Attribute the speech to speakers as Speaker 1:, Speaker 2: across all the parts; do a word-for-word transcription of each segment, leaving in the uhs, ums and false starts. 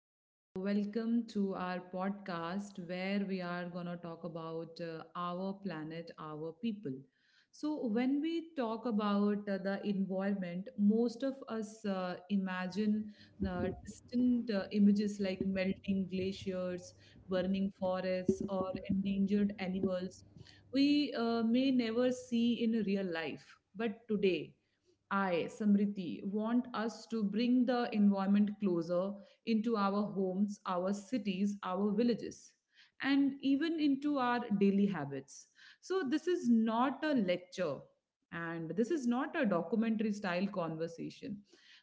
Speaker 1: and welcome to our podcast where we are going to talk about uh, our planet, our people. So, when we talk about uh, the environment, most of us uh, imagine uh, distant uh, images like melting glaciers, burning forests, or endangered animals we uh, may never see in real life. But today, I, Samriti, want us to bring the environment closer into our homes, our cities, our villages, and even into our daily habits. So, this is not a lecture and this is not a documentary style conversation.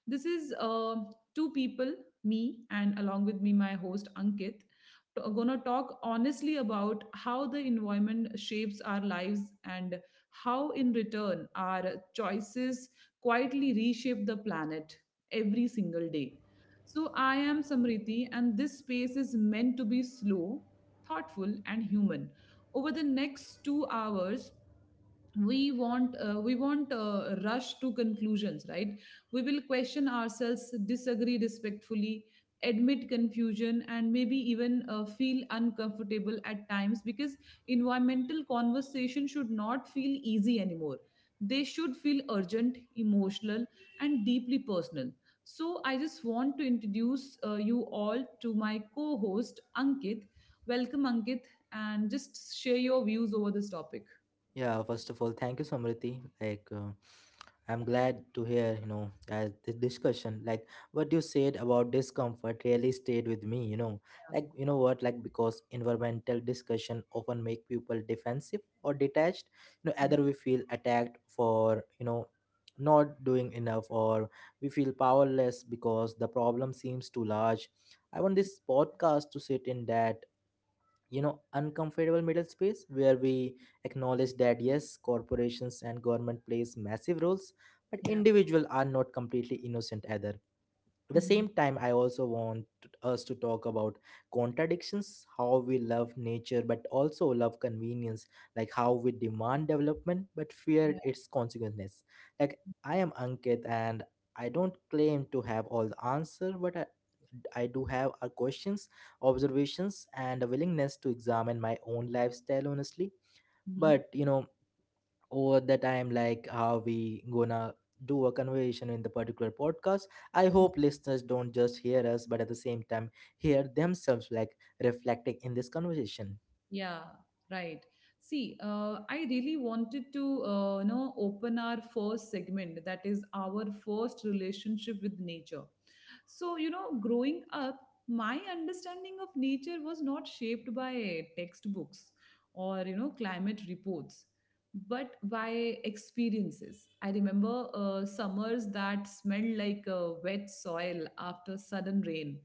Speaker 1: This is uh, two people, me, and along with me, my host Ankit, t- gonna talk honestly about how the environment shapes our lives and how, in return, our choices quietly reshape the planet every single day. So, I am Samriti, and this space is meant to be slow, thoughtful, and human. Over the next two hours, we want uh, we want uh, rush to conclusions, right? We will question ourselves, disagree respectfully, admit confusion, and maybe even uh, feel uncomfortable at times, because environmental conversation should not feel easy anymore. They should feel urgent, emotional, and deeply personal. So I just want to introduce uh, you all to my co-host Ankit. Welcome, Ankit, and just share your views over this topic.
Speaker 2: Yeah, first of all, thank you, Samriti. Like, uh, I'm glad to hear, you know, as this discussion, like what you said about discomfort really stayed with me, you know.
Speaker 1: Yeah.
Speaker 2: Like, you know what, like because environmental discussion often make people defensive or detached. You know, either we feel attacked for, you know, not doing enough or we feel powerless because the problem seems too large. I want this podcast to sit in that you know uncomfortable middle space where we acknowledge that yes, corporations and government plays massive roles, but
Speaker 1: Yeah.
Speaker 2: individuals are not completely innocent either. At the
Speaker 1: Mhm.
Speaker 2: same time, I also want us to talk about contradictions, how we love nature but also love convenience, like how we demand development but fear
Speaker 1: Yeah.
Speaker 2: its consequences. Like, I am Ankit, and i, don't claim to have all the answer, but i, I do have a questions, observations, and a willingness to examine my own lifestyle honestly.
Speaker 1: Mhm.
Speaker 2: But you know over the time, like how we gonna do a conversation in the particular podcast, I hope listeners don't just hear us but at the same time hear themselves, like reflecting in this conversation.
Speaker 1: Yeah. Right. See, uh, I really wanted to, uh, you know, open our first segment, that is our first relationship with nature. So, you know, growing up, my understanding of nature was not shaped by textbooks or, you know, climate reports, but by experiences. I remember uh, summers that smelled like uh, wet soil after sudden rain,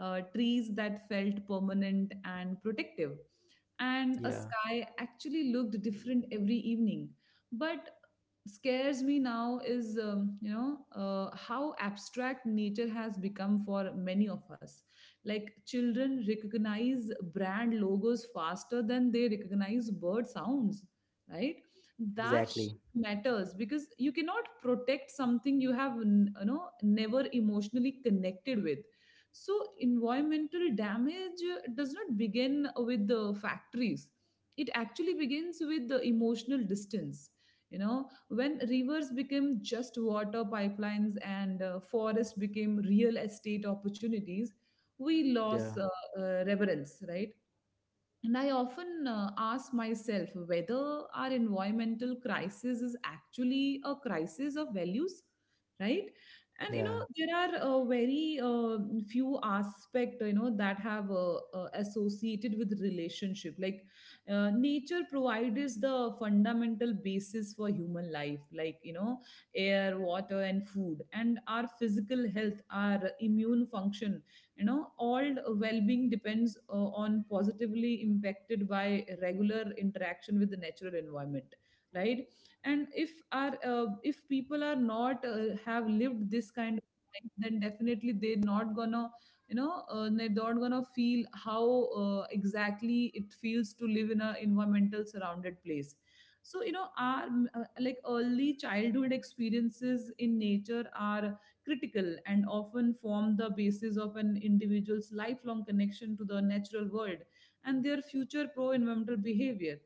Speaker 1: uh, trees that felt permanent and protective, and a
Speaker 2: Yeah,
Speaker 1: sky actually looked different every evening. But scares me now is um, you know uh, how abstract nature has become for many of us. Like children recognize brand logos faster than they recognize bird sounds, right? That
Speaker 2: exactly.
Speaker 1: shift matters because you cannot protect something you have n- you know never emotionally connected with. So, environmental damage uh, does not begin with the factories, it actually begins with the emotional distance. You know, when rivers became just water pipelines and uh, forests became real estate opportunities, we
Speaker 2: Yeah,
Speaker 1: lost uh, uh, reverence, right? And I often uh, ask myself whether our environmental crisis is actually a crisis of values, right? And you
Speaker 2: yeah,
Speaker 1: know there are uh, very uh, few aspects you know that have uh, uh, associated with relationship. Like uh, nature provides the fundamental basis for human life, like you know air, water, and food, and our physical health, our immune function, you know all well-being depends uh, on positively impacted by regular interaction with the natural environment, right? And if our uh, if people are not uh, have lived this kind of life, then definitely they're not gonna you know uh, they're not gonna feel how uh, exactly it feels to live in a environmental surrounded place. So you know our uh, like early childhood experiences in nature are critical and often form the basis of an individual's lifelong connection to the natural world and their future pro environmental behavior.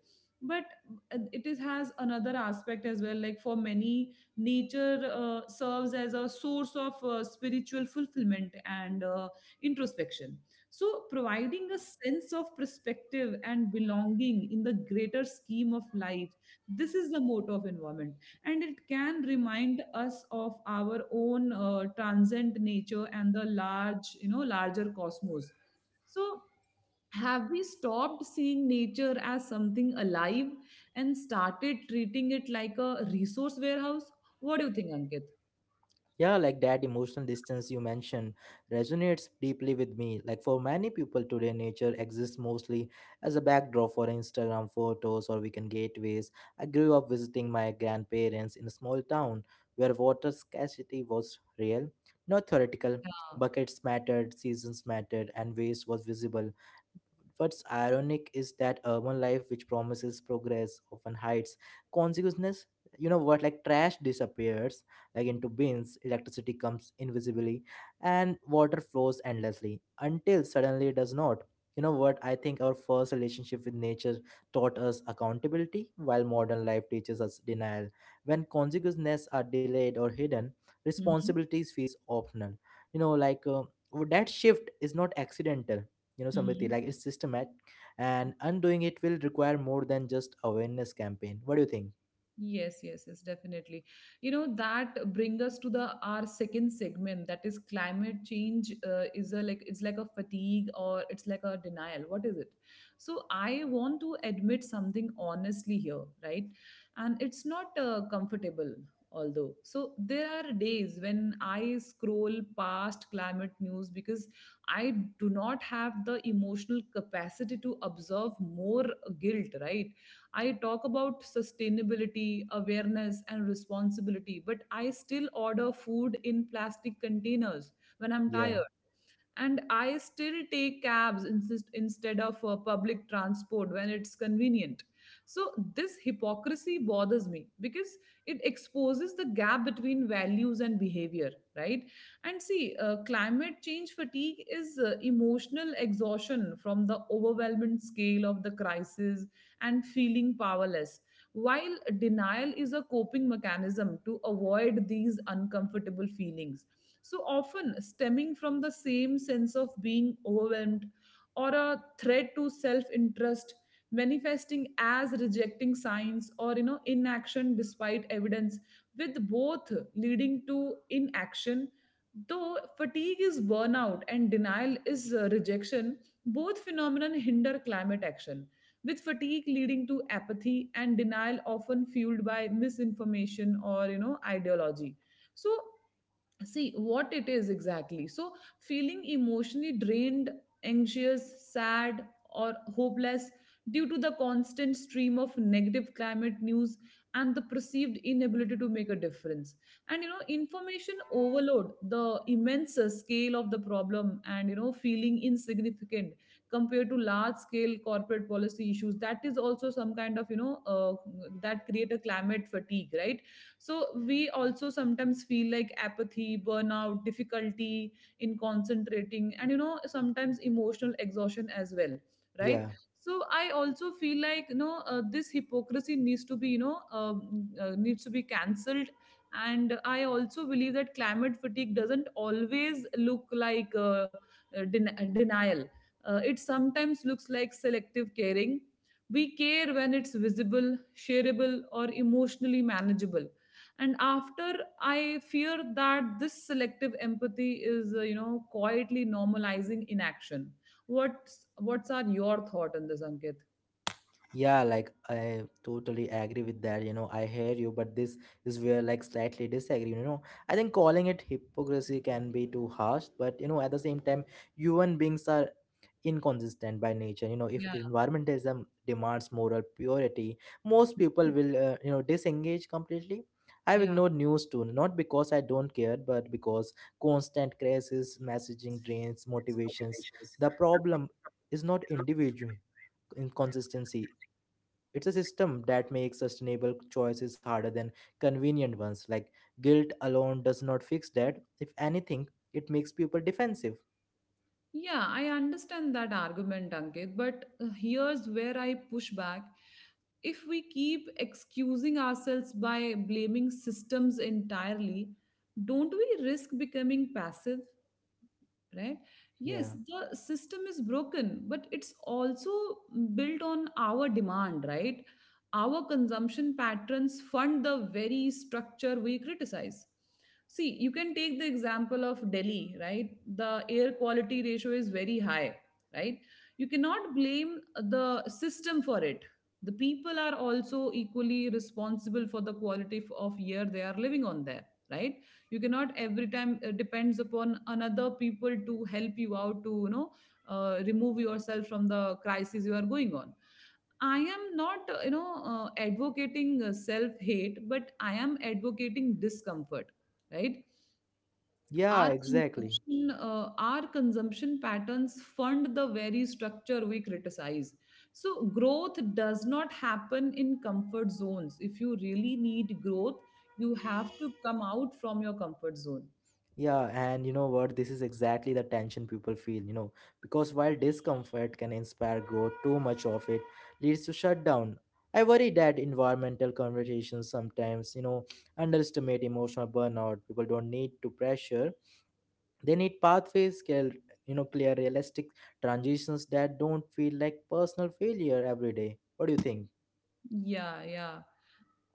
Speaker 1: But uh, it is has another aspect as well. Like for many, nature uh, serves as a source of uh, spiritual fulfillment and uh, introspection, so providing a sense of perspective and belonging in the greater scheme of life. This is the motto of environmentalism, and it can remind us of our own uh, transient nature and the large you know larger cosmos. So have we stopped seeing nature as something alive and started treating it like a resource warehouse? What do you think, Ankit?
Speaker 2: yeah. Like that emotional distance you mentioned resonates deeply with me. Like for many people today, nature exists mostly as a backdrop for instagram photos or weekend gateways. I grew up visiting my grandparents in a small town where water scarcity was real, not theoretical.
Speaker 1: Yeah.
Speaker 2: Buckets mattered, seasons mattered, and waste was visible. What's ironic is that urban life, which promises progress, often hides consequences. You know what? Like trash disappears, like into bins. Electricity comes invisibly, and water flows endlessly until suddenly it does not. You know what? I think our first relationship with nature taught us accountability, while modern life teaches us denial. When consequences are delayed or hidden,
Speaker 1: Mhm.
Speaker 2: responsibilities feels optional. You know, like uh, that shift is not accidental you know Samriti,
Speaker 1: Mhm.
Speaker 2: like it's systematic, and undoing it will require more than just awareness campaign. What do you think?
Speaker 1: Yes, yes, yes, definitely. You know, that bring us to the our second segment, that is climate change uh, is a like it's like a fatigue or it's like a denial. What is it? So I want to admit something honestly here, right? And it's not uh, comfortable although. So there are days when I scroll past climate news because I do not have the emotional capacity to observe more guilt, right? I talk about sustainability, awareness, and responsibility, but I still order food in plastic containers when I'm
Speaker 2: Yeah,
Speaker 1: tired, and I still take cabs insist, instead of uh, public transport when it's convenient. So this hypocrisy bothers me because it exposes the gap between values and behavior, right? And see uh, climate change fatigue is uh, emotional exhaustion from the overwhelming scale of the crisis and feeling powerless, while denial is a coping mechanism to avoid these uncomfortable feelings, so often stemming from the same sense of being overwhelmed or a threat to self interest, manifesting as rejecting science or you know inaction despite evidence, with both leading to inaction. Though fatigue is burnout and denial is uh, rejection, both phenomenon hinder climate action, with fatigue leading to apathy and denial often fueled by misinformation or you know ideology. So see what it is exactly. So feeling emotionally drained, anxious, sad, or hopeless due to the constant stream of negative climate news and the perceived inability to make a difference, and you know information overload, the immense uh, scale of the problem, and you know feeling insignificant compared to large scale corporate policy issues, that is also some kind of you know uh, that create a climate fatigue, right? So we also sometimes feel like apathy, burnout, difficulty in concentrating, and you know sometimes emotional exhaustion as well, right?
Speaker 2: yeah,
Speaker 1: So I also feel like you know uh, this hypocrisy needs to be you know um, uh, needs to be cancelled. And I also believe that climate fatigue doesn't always look like uh, uh, den- uh, denial. Uh, it sometimes looks like selective caring. We care when it's visible, shareable, or emotionally manageable. And after, I fear that this selective empathy is uh, you know quietly normalizing inaction. What's what's are your thought on this, Ankit?
Speaker 2: yeah. Like, I totally agree with that. you know I hear you, but this is where like slightly disagree you know I think calling it hypocrisy can be too harsh, but you know at the same time, human beings are inconsistent by nature. You know if
Speaker 1: Yeah.
Speaker 2: environmentalism demands moral purity, most people will uh, you know disengage completely. I've
Speaker 1: Yeah.
Speaker 2: ignored news too, not because I don't care, but because constant crisis messaging drains motivations. The problem is not individual inconsistency. It's a system that makes sustainable choices harder than convenient ones. Like, guilt alone does not fix that. If anything, it makes people defensive.
Speaker 1: Yeah, I understand that argument, Ankit, but uh, here's where I push back. If we keep excusing ourselves by blaming systems entirely, don't we risk becoming passive, right? Yes,
Speaker 2: Yeah,
Speaker 1: the system is broken, but it's also built on our demand, right? Our consumption patterns fund the very structure we criticize. See, you can take the example of Delhi, right? The air quality ratio is very high, right? You cannot blame the system for it. The people are also equally responsible for the quality f- of air they are living on there, right? You cannot every time uh, depends upon another people to help you out to you know uh, remove yourself from the crisis you are going on. I am not, uh, you know, uh, advocating self hate, but I am advocating discomfort, right?
Speaker 2: yeah,
Speaker 1: Our
Speaker 2: exactly.
Speaker 1: consumption, uh, our consumption patterns fund the very structure we criticize. So growth does not happen in comfort zones. If you really need growth, you have to come out from your comfort zone.
Speaker 2: Yeah, and you know what? This is exactly the tension people feel, you know, because while discomfort can inspire growth, too much of it leads to shutdown. I worry that environmental conversations sometimes, you know, underestimate emotional burnout. People don't need to pressure. They need pathways, clear, you know, clear realistic transitions that don't feel like personal failure every day. What do you think?
Speaker 1: Yeah, yeah.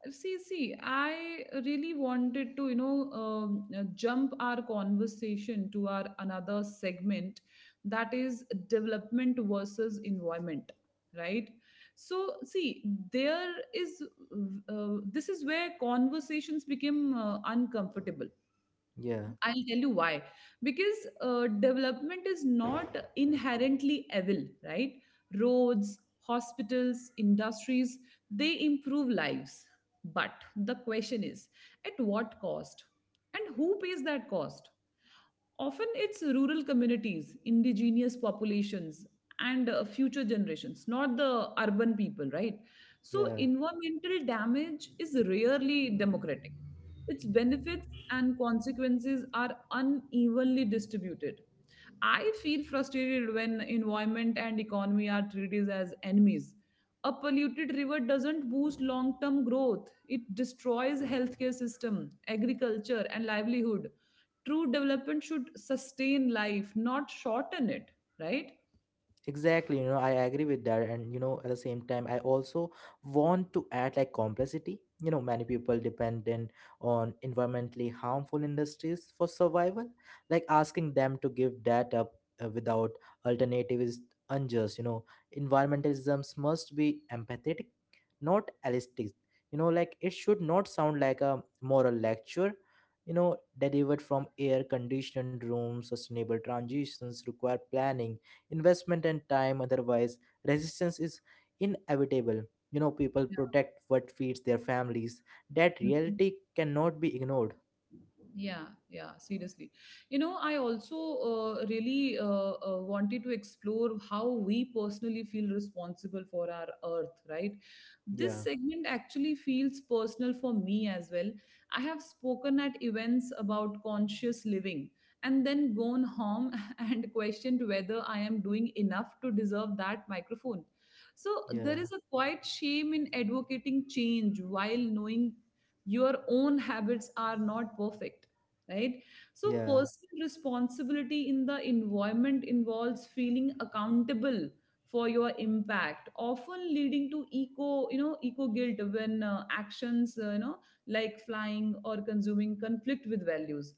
Speaker 1: See, see, I really wanted to, you know, um, uh, jump our conversation to our another segment, that is development versus environment, right? So, see, there is uh, this is where conversations became uh, uncomfortable.
Speaker 2: Yeah,
Speaker 1: I'll tell you why. Because uh, development is not inherently evil, right? Roads, hospitals, industries, they improve lives. But the question is, at what cost? And who pays that cost? Often it's rural communities, indigenous populations, and uh, future generations, not the urban people, right? So,
Speaker 2: yeah.
Speaker 1: environmental damage is rarely democratic. Its benefits and consequences are unevenly distributed. I feel frustrated when environment and economy are treated as enemies. A polluted river doesn't boost long-term growth. It destroys healthcare system, agriculture, and livelihood. True development should sustain life, not shorten it, right?
Speaker 2: Exactly, you know, I agree with that. And, you know, at the same time, I also want to add like complexity. You know, many people dependent on environmentally harmful industries for survival. Like, asking them to give that up uh, without alternative is unjust. You know, environmentalisms must be empathetic, not elastic. You know, like it should not sound like a moral lecture. You know, delivered from air conditioned rooms, sustainable transitions require planning, investment, and time. Otherwise, resistance is inevitable. You know people protect what feeds their families. That reality cannot be ignored.
Speaker 1: Yeah, yeah, seriously. You know, I also uh, really uh, uh, wanted to explore how we personally feel responsible for our earth, right? This
Speaker 2: Yeah,
Speaker 1: segment actually feels personal for me as well. I have spoken at events about conscious living and then gone home and questioned whether I am doing enough to deserve that microphone. So
Speaker 2: yeah,
Speaker 1: there is a quiet shame in advocating change while knowing your own habits are not perfect, right? So
Speaker 2: yeah,
Speaker 1: personal responsibility in the environment involves feeling accountable for your impact, often leading to eco you know eco guilt when uh, actions, uh, you know like flying or consuming, conflict with values,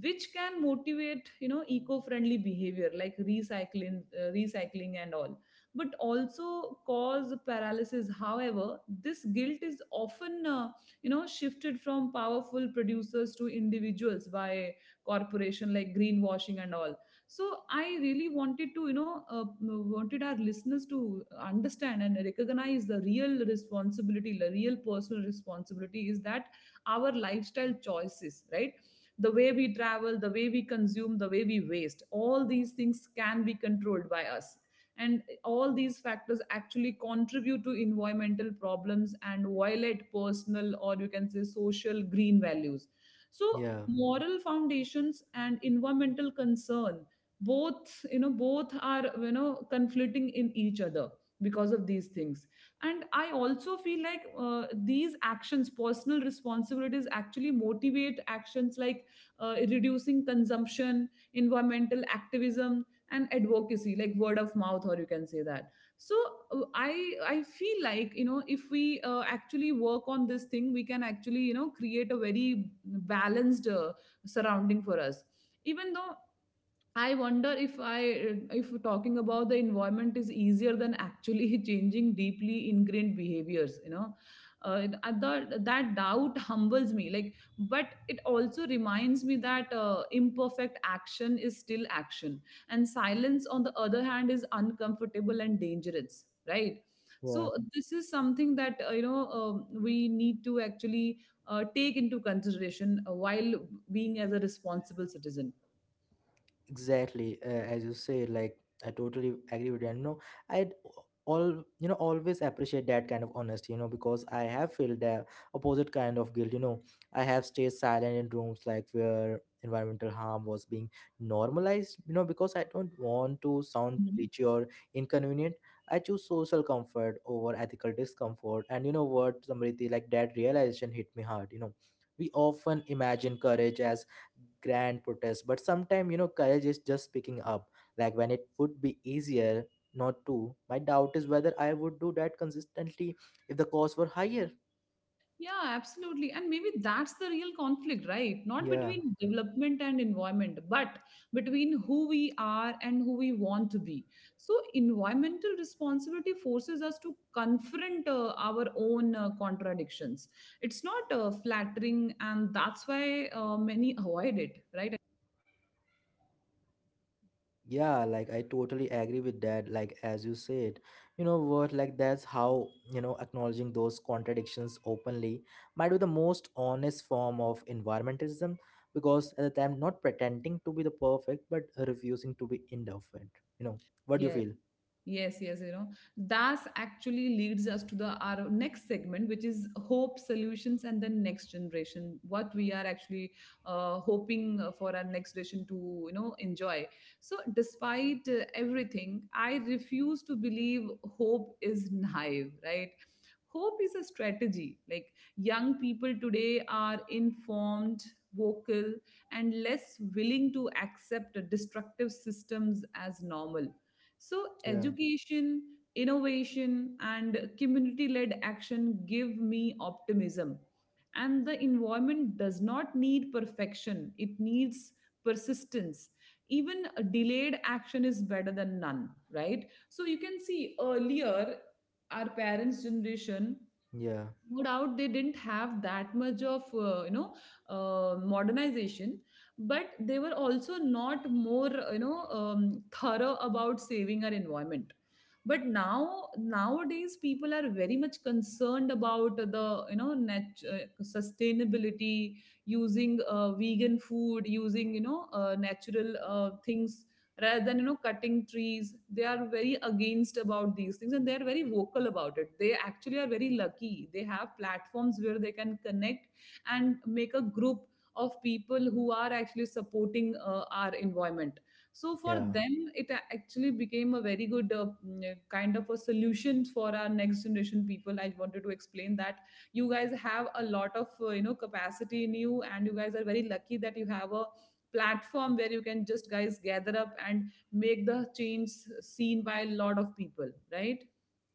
Speaker 1: which can motivate you know eco-friendly behavior like recycling, uh, recycling and all, but also cause paralysis. However, this guilt is often, uh, you know shifted from powerful producers to individuals by corporation like greenwashing and all. So I really wanted to, you know uh, wanted our listeners to understand and recognize the real responsibility, the real personal responsibility, is that our lifestyle choices, right? The way we travel, the way we consume, the way we waste, all these things can be controlled by us, and all these factors actually contribute to environmental problems and violate personal, or you can say social, green values. So
Speaker 2: yeah,
Speaker 1: moral foundations and environmental concern, both you know both are, you know conflicting in each other because of these things. And I also feel like uh, these actions, personal responsibilities, actually motivate actions like uh, reducing consumption, environmental activism, and advocacy, like word of mouth, or you can say that. So uh, i i feel like, you know, if we uh, actually work on this thing, we can actually, you know, create a very balanced uh, surrounding for us. Even though I wonder if I, if talking about the environment is easier than actually changing deeply ingrained behaviors. You know, uh, the, that doubt humbles me. Like, but it also reminds me that uh, imperfect action is still action, and silence, on the other hand, is uncomfortable and dangerous. Right.
Speaker 2: yeah.
Speaker 1: So this is something that, uh, you know um we need to actually uh, take into consideration uh, while being as a responsible citizen.
Speaker 2: Exactly, uh, as you say, like, I totally agree with you. And, you know, I all you know always appreciate that kind of honesty. You know, because I have felt the opposite kind of guilt. You know, I have stayed silent in rooms like where environmental harm was being normalized. You know, because I don't want to sound
Speaker 1: Mm-hmm.
Speaker 2: preachy or inconvenient. I choose social comfort over ethical discomfort. And you know what, Samriti, like that realization hit me hard. You know, we often imagine courage as grand protest, but sometimes you know courage is just speaking up, like when it would be easier not to. My doubt is whether I would do that consistently if the costs were higher.
Speaker 1: Yeah, absolutely. And maybe that's the real conflict, right? Not
Speaker 2: Yeah,
Speaker 1: between development and environment, but between who we are and who we want to be. So environmental responsibility forces us to confront uh, our own uh, contradictions. It's not uh, flattering, and that's why uh, many avoid it, right?
Speaker 2: yeah. Like, I totally agree with that. Like, as you said, you know what, like that's how, you know acknowledging those contradictions openly might be the most honest form of environmentalism, because at the time not pretending to be the perfect but refusing to be indifferent you know what do you
Speaker 1: Yes.
Speaker 2: feel?
Speaker 1: Yes, yes, you know, that actually leads us to the our next segment, which is hope, solutions, and the next generation. What we are actually uh, hoping uh, for our next generation to, you know, enjoy. So, despite uh, everything, I refuse to believe hope is naive, right? Hope is a strategy. Like young people today are informed, vocal, and less willing to accept destructive systems as normal. So
Speaker 2: Yeah,
Speaker 1: education, innovation, and community led action give me optimism. And the environment does not need perfection, it needs persistence. Even a delayed action is better than none, right? So you can see earlier, our parents' generation,
Speaker 2: yeah,
Speaker 1: no doubt they didn't have that much of, uh, you know uh, modernization, but they were also not more, you know um, thorough about saving our environment. But now, nowadays, people are very much concerned about the, you know nat- uh, sustainability, using uh, vegan food, using, you know uh, natural uh, things rather than, you know, cutting trees. They are very against about these things and they are very vocal about it. They actually are very lucky, they have platforms where they can connect and make a group of people who are actually supporting uh, our environment. So for
Speaker 2: yeah.
Speaker 1: them it a- actually became a very good, uh, mm, uh, kind of a solution. For our next generation people, I wanted to explain that you guys have a lot of, uh, you know capacity in you, and you guys are very lucky that you have a platform where you can just, guys, gather up and make the change seen by a lot of people, right?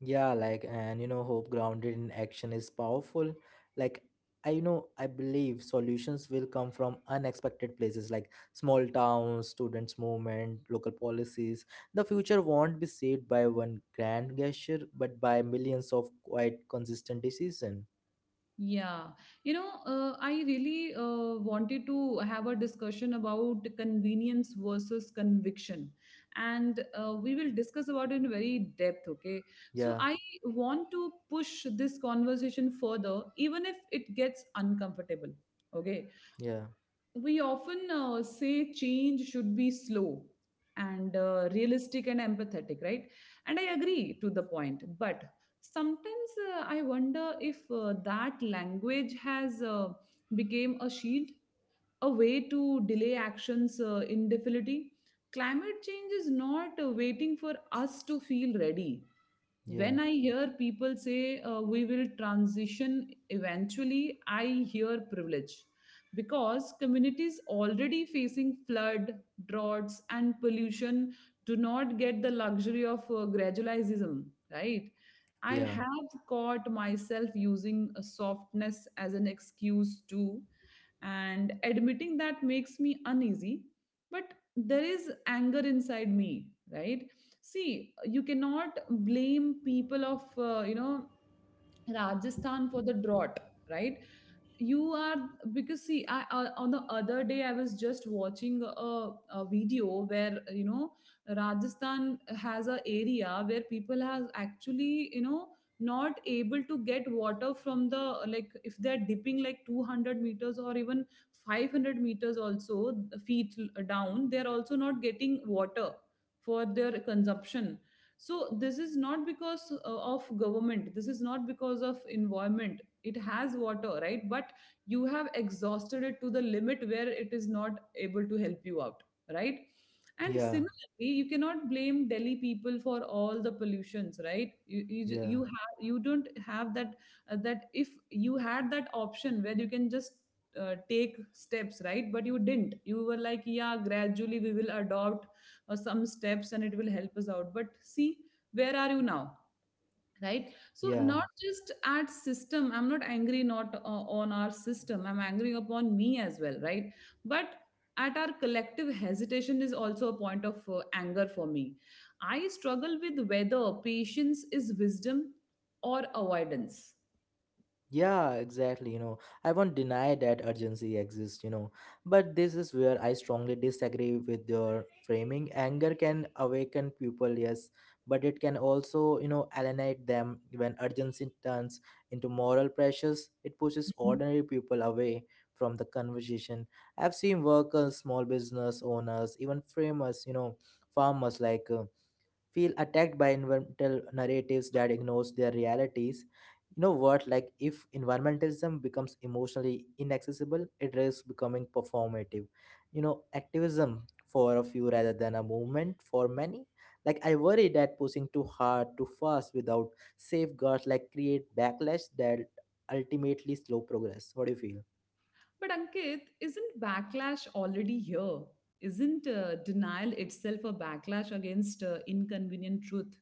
Speaker 2: Yeah, like, and you know, hope grounded in action is powerful. Like, I you know, I believe solutions will come from unexpected places, like small towns, students' movement, local policies. The future won't be saved by one grand gesture, but by millions of quite consistent decision.
Speaker 1: Yeah, you know, uh, I really uh, wanted to have a discussion about convenience versus conviction, and uh, we will discuss about it in very depth, okay? So
Speaker 2: Yeah,
Speaker 1: I want to push this conversation further, even if it gets uncomfortable, okay?
Speaker 2: yeah,
Speaker 1: We often uh, say change should be slow and uh, realistic and empathetic, right? And I agree to the point, but sometimes, uh, I wonder if uh, that language has uh, become a shield, a way to delay actions uh, indefinitely. Climate change is not uh, waiting for us to feel ready.
Speaker 2: yeah,
Speaker 1: When I hear people say, uh, we will transition eventually, I hear privilege, because communities already facing flood, droughts, and pollution do not get the luxury of uh, gradualism, right? I
Speaker 2: yeah,
Speaker 1: have caught myself using a softness as an excuse too, and admitting that makes me uneasy. But there is anger inside me, right? See, you cannot blame people of, uh, you know, Rajasthan for the drought, right? You are, because see I, uh, on the other day I was just watching a, a video where, you know, Rajasthan has a area where people has actually, you know, not able to get water from the, like if they're dipping like two hundred meters or even five hundred meters also, feet down, they're also not getting water for their consumption. So this is not because uh, of government, this is not because of environment, it has water, right? But you have exhausted it to the limit where it is not able to help you out, right? And
Speaker 2: yeah,
Speaker 1: similarly you cannot blame Delhi people for all the pollutions, right? You you, ju-
Speaker 2: yeah,
Speaker 1: you have, you don't have that, uh, that if you had that option where you can just uh, take steps, right? But you didn't, you were like, yeah, gradually we will adopt uh, some steps and it will help us out, but see where are you now, right? So
Speaker 2: yeah.
Speaker 1: not just at system, I'm not angry, not uh, on our system, I'm angry upon me as well, right? But at our collective hesitation is also a point of uh, anger for me. I struggle with whether patience is wisdom or avoidance.
Speaker 2: Yeah, exactly. You know, I won't deny that urgency exists, you know, but this is where I strongly disagree with your framing. Anger can awaken people, yes, but it can also, you know, alienate them when urgency turns into moral pressures. It pushes ordinary people away from the conversation. I've seen workers, small business owners, even framers, you know, farmers like. Uh, feel attacked by environmental narratives that ignores their realities. You know what, like if environmentalism becomes emotionally inaccessible, it risks becoming performative you know activism for a few rather than a movement for many. Like, I worry that pushing too hard too fast without safeguards like create backlash that ultimately slow progress. What do you feel?
Speaker 1: But Ankit, isn't backlash already here? Isn't uh, denial itself a backlash against uh, inconvenient truth?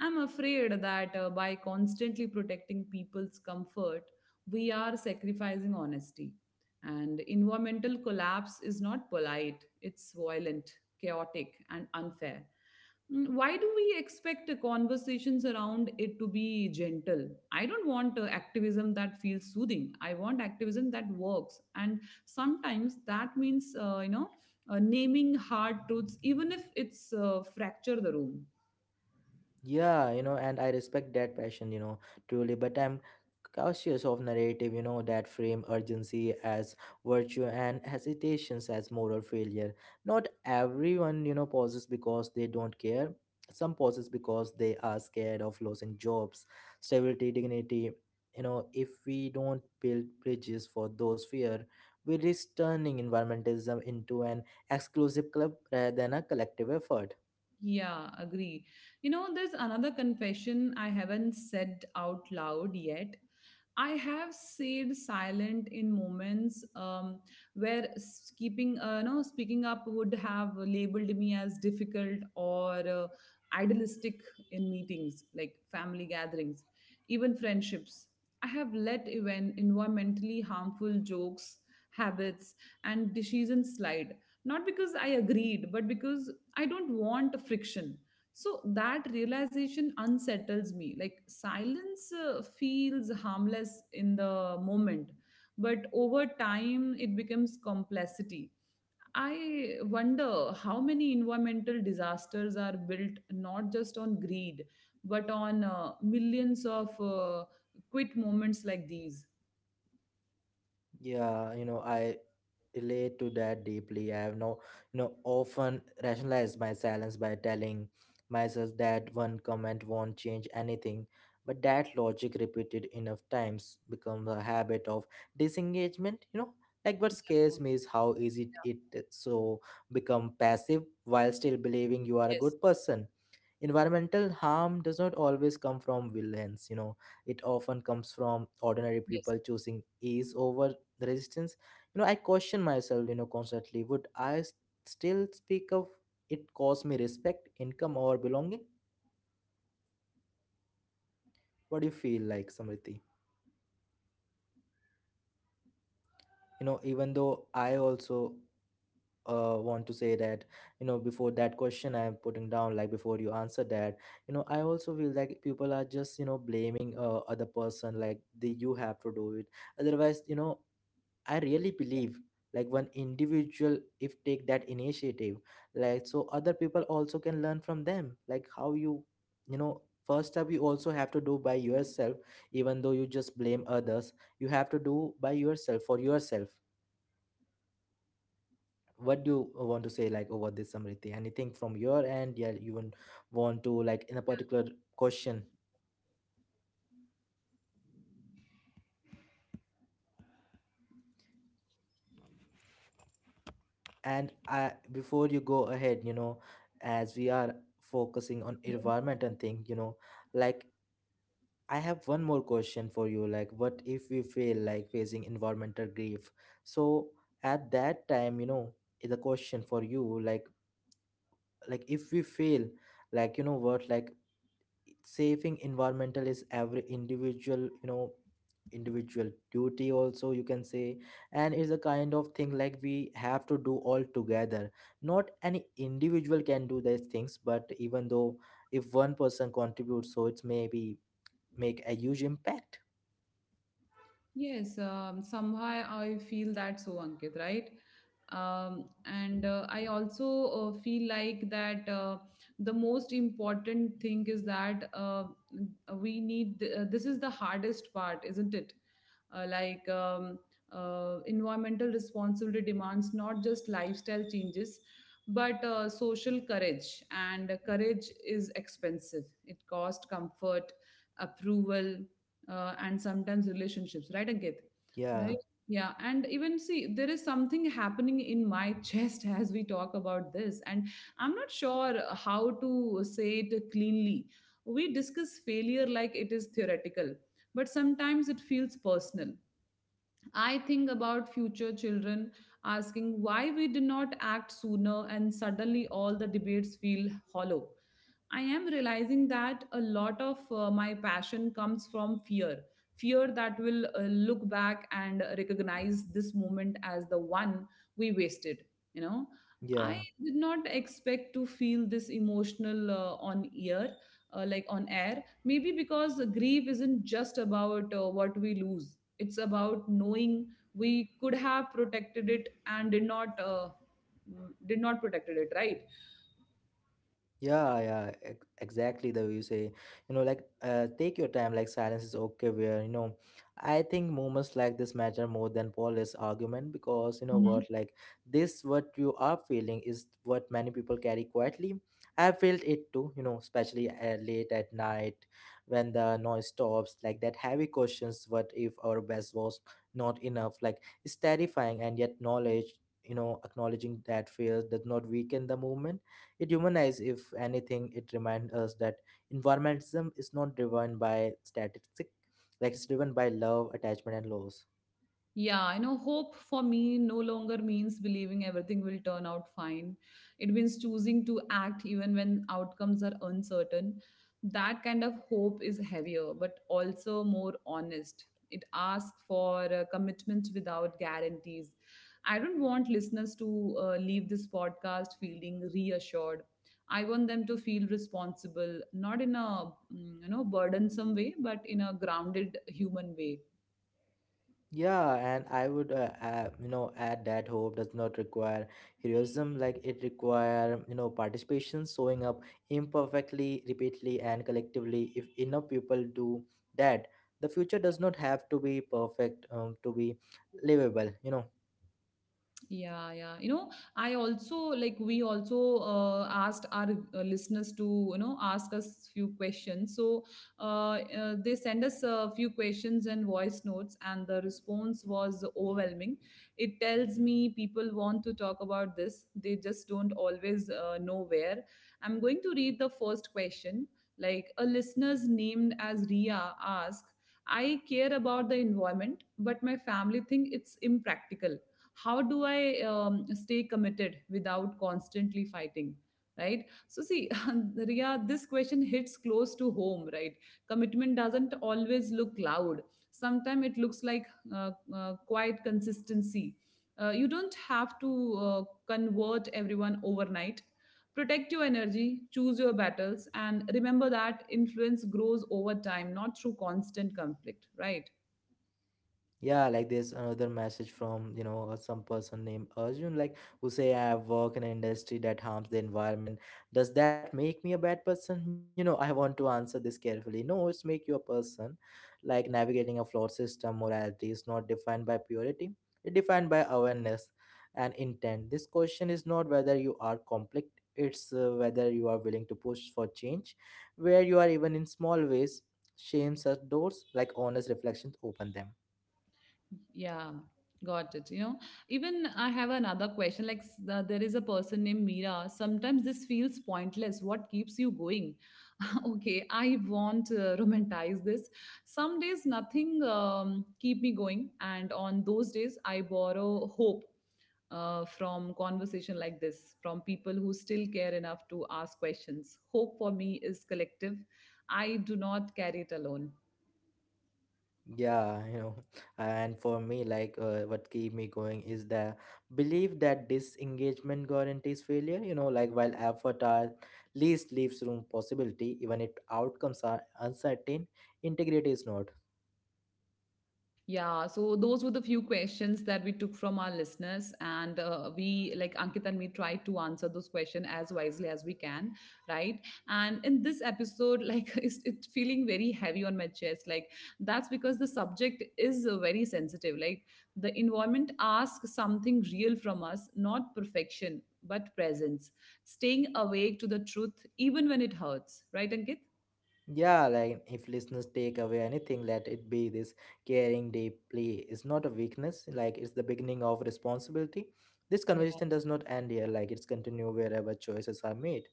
Speaker 1: I'm afraid that uh, by constantly protecting people's comfort, we are sacrificing honesty. And environmental collapse is not polite, it's violent, chaotic, and unfair. Mm. Why do we expect uh, conversations around it to be gentle? I don't want uh, activism that feels soothing. I want activism that works. And sometimes that means, uh, you know, uh, naming hard truths, even if it's uh, fracture the room.
Speaker 2: Yeah, you know, and I respect that passion, you know, truly, but I'm cautious of narrative, you know, that frame urgency as virtue and hesitations as moral failure. Not everyone, you know, pauses because they don't care. Some pauses because they are scared of losing jobs, stability, dignity. You know, if we don't build bridges for those fear, we risk turning environmentalism into an exclusive club rather than a collective effort.
Speaker 1: Yeah, agree. You know, there's another confession I haven't said out loud yet. I have stayed silent in moments, um, where s- keeping, uh, no, speaking up would have labeled me as difficult or uh, idealistic in meetings, like family gatherings, even friendships. I have let even environmentally harmful jokes, habits, and decisions slide, not because I agreed, but because I don't want friction. So that realization unsettles me. Like silence uh, feels harmless in the moment, but over time it becomes complexity. I wonder how many environmental disasters are built not just on greed, but on uh, millions of uh, quit moments like these.
Speaker 2: Yeah, you know, I relate to that deeply. I have now, you know, often rationalized my silence by telling myself that one comment won't change anything. But that logic repeated enough times becomes a habit of disengagement, you know. Like, what scares me is how easy it it so become passive while still believing you are a
Speaker 1: Yes,
Speaker 2: good person. Environmental harm does not always come from villains. You know it often comes from ordinary
Speaker 1: yes.
Speaker 2: people choosing ease over resistance. you know I question myself you know constantly. Would i s- still speak of it cost me respect, income, or belonging? What do you feel, like, Samriti? You know even though I also uh, want to say that, you know before that question, I'm putting down, like before you answer that, you know I also feel like people are just you know blaming uh, other person, like the you have to do it, otherwise you know I really believe, like, one individual if take that initiative, like, so other people also can learn from them, like how you you know first up you also have to do by yourself. Even though you just blame others, you have to do by yourself for yourself. What do you want to say, like, over this, Samriti, anything from your end? Yeah, you want want to, like, in a particular question. And I, before you go ahead, you know as we are focusing on environment and thing, you know like, I have one more question for you. Like, what if we feel like facing environmental grief? So at that time, you know the question for you, like like if we fail, like you know what, like saving environmental is every individual you know individual duty also, you can say. And it's a kind of thing like we have to do all together. Not any individual can do these things, but even though if one person contributes, so it's maybe make a huge impact.
Speaker 1: Yes, um, somehow I feel that so, Ankit, right? Um, and uh, I also uh, feel like that uh, the most important thing is that uh, we need, uh, this is the hardest part, isn't it? Uh, like um, uh, Environmental responsibility demands not just lifestyle changes, but uh, social courage. And courage is expensive. It costs comfort, approval, uh, and sometimes relationships, right, Ankit?
Speaker 2: Yeah,
Speaker 1: Right? Yeah. And even see, there is something happening in my chest as we talk about this, and I'm not sure how to say it cleanly. We discuss failure like it is theoretical, but sometimes it feels personal. I think about future children asking why we did not act sooner, and suddenly all the debates feel hollow. I am realizing that a lot of uh, my passion comes from fear, fear that will uh, look back and recognize this moment as the one we wasted. You know, I
Speaker 2: yeah.
Speaker 1: did not expect to feel this emotional uh, on ear, uh, like on air, maybe because grief isn't just about uh, what we lose, it's about knowing we could have protected it and did not, uh, did not protected it, right?
Speaker 2: Yeah, yeah, ex- exactly the way you say. You know, like uh, take your time. Like, silence is okay. Where you know, I think moments like this matter more than Paul's argument, because you know what, like this, what you are feeling is what many people carry quietly. I felt it too. You know, especially uh, late at night when the noise stops. Like, that heavy questions. What if our best was not enough? Like, it's terrifying, and yet knowledge. You know, acknowledging that fear does not weaken the movement. It humanizes. If anything, it reminds us that environmentalism is not driven by statistics, like it's driven by love, attachment, and loss.
Speaker 1: Yeah, I know hope for me no longer means believing everything will turn out fine. It means choosing to act even when outcomes are uncertain. That kind of hope is heavier, but also more honest. It asks for uh, commitment without guarantees. I don't want listeners to uh, leave this podcast feeling reassured. I want them to feel responsible, not in a, mm, you know burdensome way, but in a grounded human way.
Speaker 2: Yeah, and I would, uh, uh, you know, add that hope does not require heroism. Like, it require, you know, participation, showing up imperfectly, repeatedly, and collectively. If enough people do that, the future does not have to be perfect um, to be livable. You know.
Speaker 1: Yeah, yeah. You know, I also, like, we also uh, asked our uh, listeners to, you know, ask us few questions. So, uh, uh, they send us a few questions and voice notes, and the response was overwhelming. It tells me people want to talk about this. They just don't always uh, know where. I'm going to read the first question. Like a listener's named as Ria asks, I care about the environment, but my family think it's impractical, how do I um, stay committed without constantly fighting, right? So see, Ria, this question hits close to home, right? Commitment doesn't always look loud, sometimes it looks like uh, uh, quiet consistency. Uh, you don't have to uh, convert everyone overnight. Protect your energy, choose your battles, and remember that influence grows over time, not through constant conflict, right?
Speaker 2: Yeah, like, there's another message from, you know, uh, some person named Arjun, like, who say I work in an industry that harms the environment. Does that make me a bad person? You know, I want to answer this carefully. No, it's make you a person. Like navigating a flawed system, morality is not defined by purity. It's defined by awareness and intent. This question is not whether you are conflict, it's uh, whether you are willing to push for change, where you are even in small ways. Shame such doors, like honest reflections, open them.
Speaker 1: Yeah, got it. You know, even I have another question. Like, s- the- there is a person named Mira. Sometimes this feels pointless. What keeps you going? Okay, I won't uh, romanticize this. Some days nothing um, keep me going, and on those days I borrow hope. Uh, from conversation like this, from people who still care enough to ask questions, hope for me is collective. I do not carry it alone.
Speaker 2: Yeah, you know, and for me, like, uh, what keep me going is the belief that disengagement guarantees failure. You know, like while effort at least leaves room possibility, even if outcomes are uncertain, integrity is not.
Speaker 1: Yeah, so those were the few questions that we took from our listeners, and uh, we, like Ankit and me, tried to answer those questions as wisely as we can, right? And in this episode, like it's, it's feeling very heavy on my chest. Like that's because the subject is uh, very sensitive. Like the environment asks something real from us, not perfection, but presence. Staying awake to the truth, even when it hurts, right, Ankit?
Speaker 2: Yeah, like if listeners take away anything, let it be this: caring deeply is not a weakness. Like, it's the beginning of responsibility. This conversation does not end here. Like, it's continue wherever choices are made.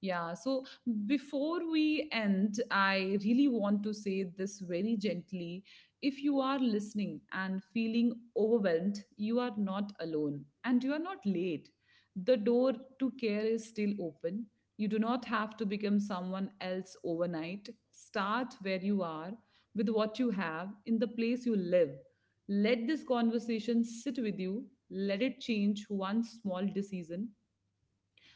Speaker 1: Yeah, so before we end, I really want to say this very gently. If you are listening and feeling overwhelmed, you are not alone and you are not late. The door to care is still open. You do not have to become someone else overnight. Start where you are, with what you have, in the place you live. Let this conversation sit with you. Let it change one small decision.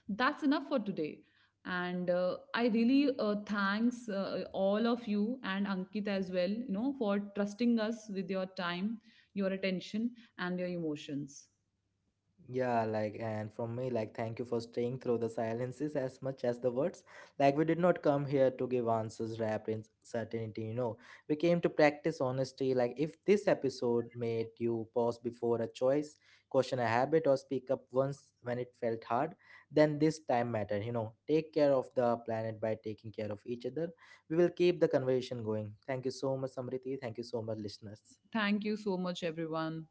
Speaker 1: That's enough for today. And uh, I really uh, thanks uh, all of you and Ankit as well, you know, for trusting us with your time, your attention, and your emotions.
Speaker 2: Yeah, like, and from me, like, thank you for staying through the silences as much as the words. Like, we did not come here to give answers wrapped in certainty, you know. We came to practice honesty. Like, if this episode made you pause before a choice, question a habit, or speak up once when it felt hard, then this time mattered, you know. Take care of the planet by taking care of each other. We will keep the conversation going. Thank you so much, Samriti. Thank you so much, listeners.
Speaker 1: Thank you so much, everyone.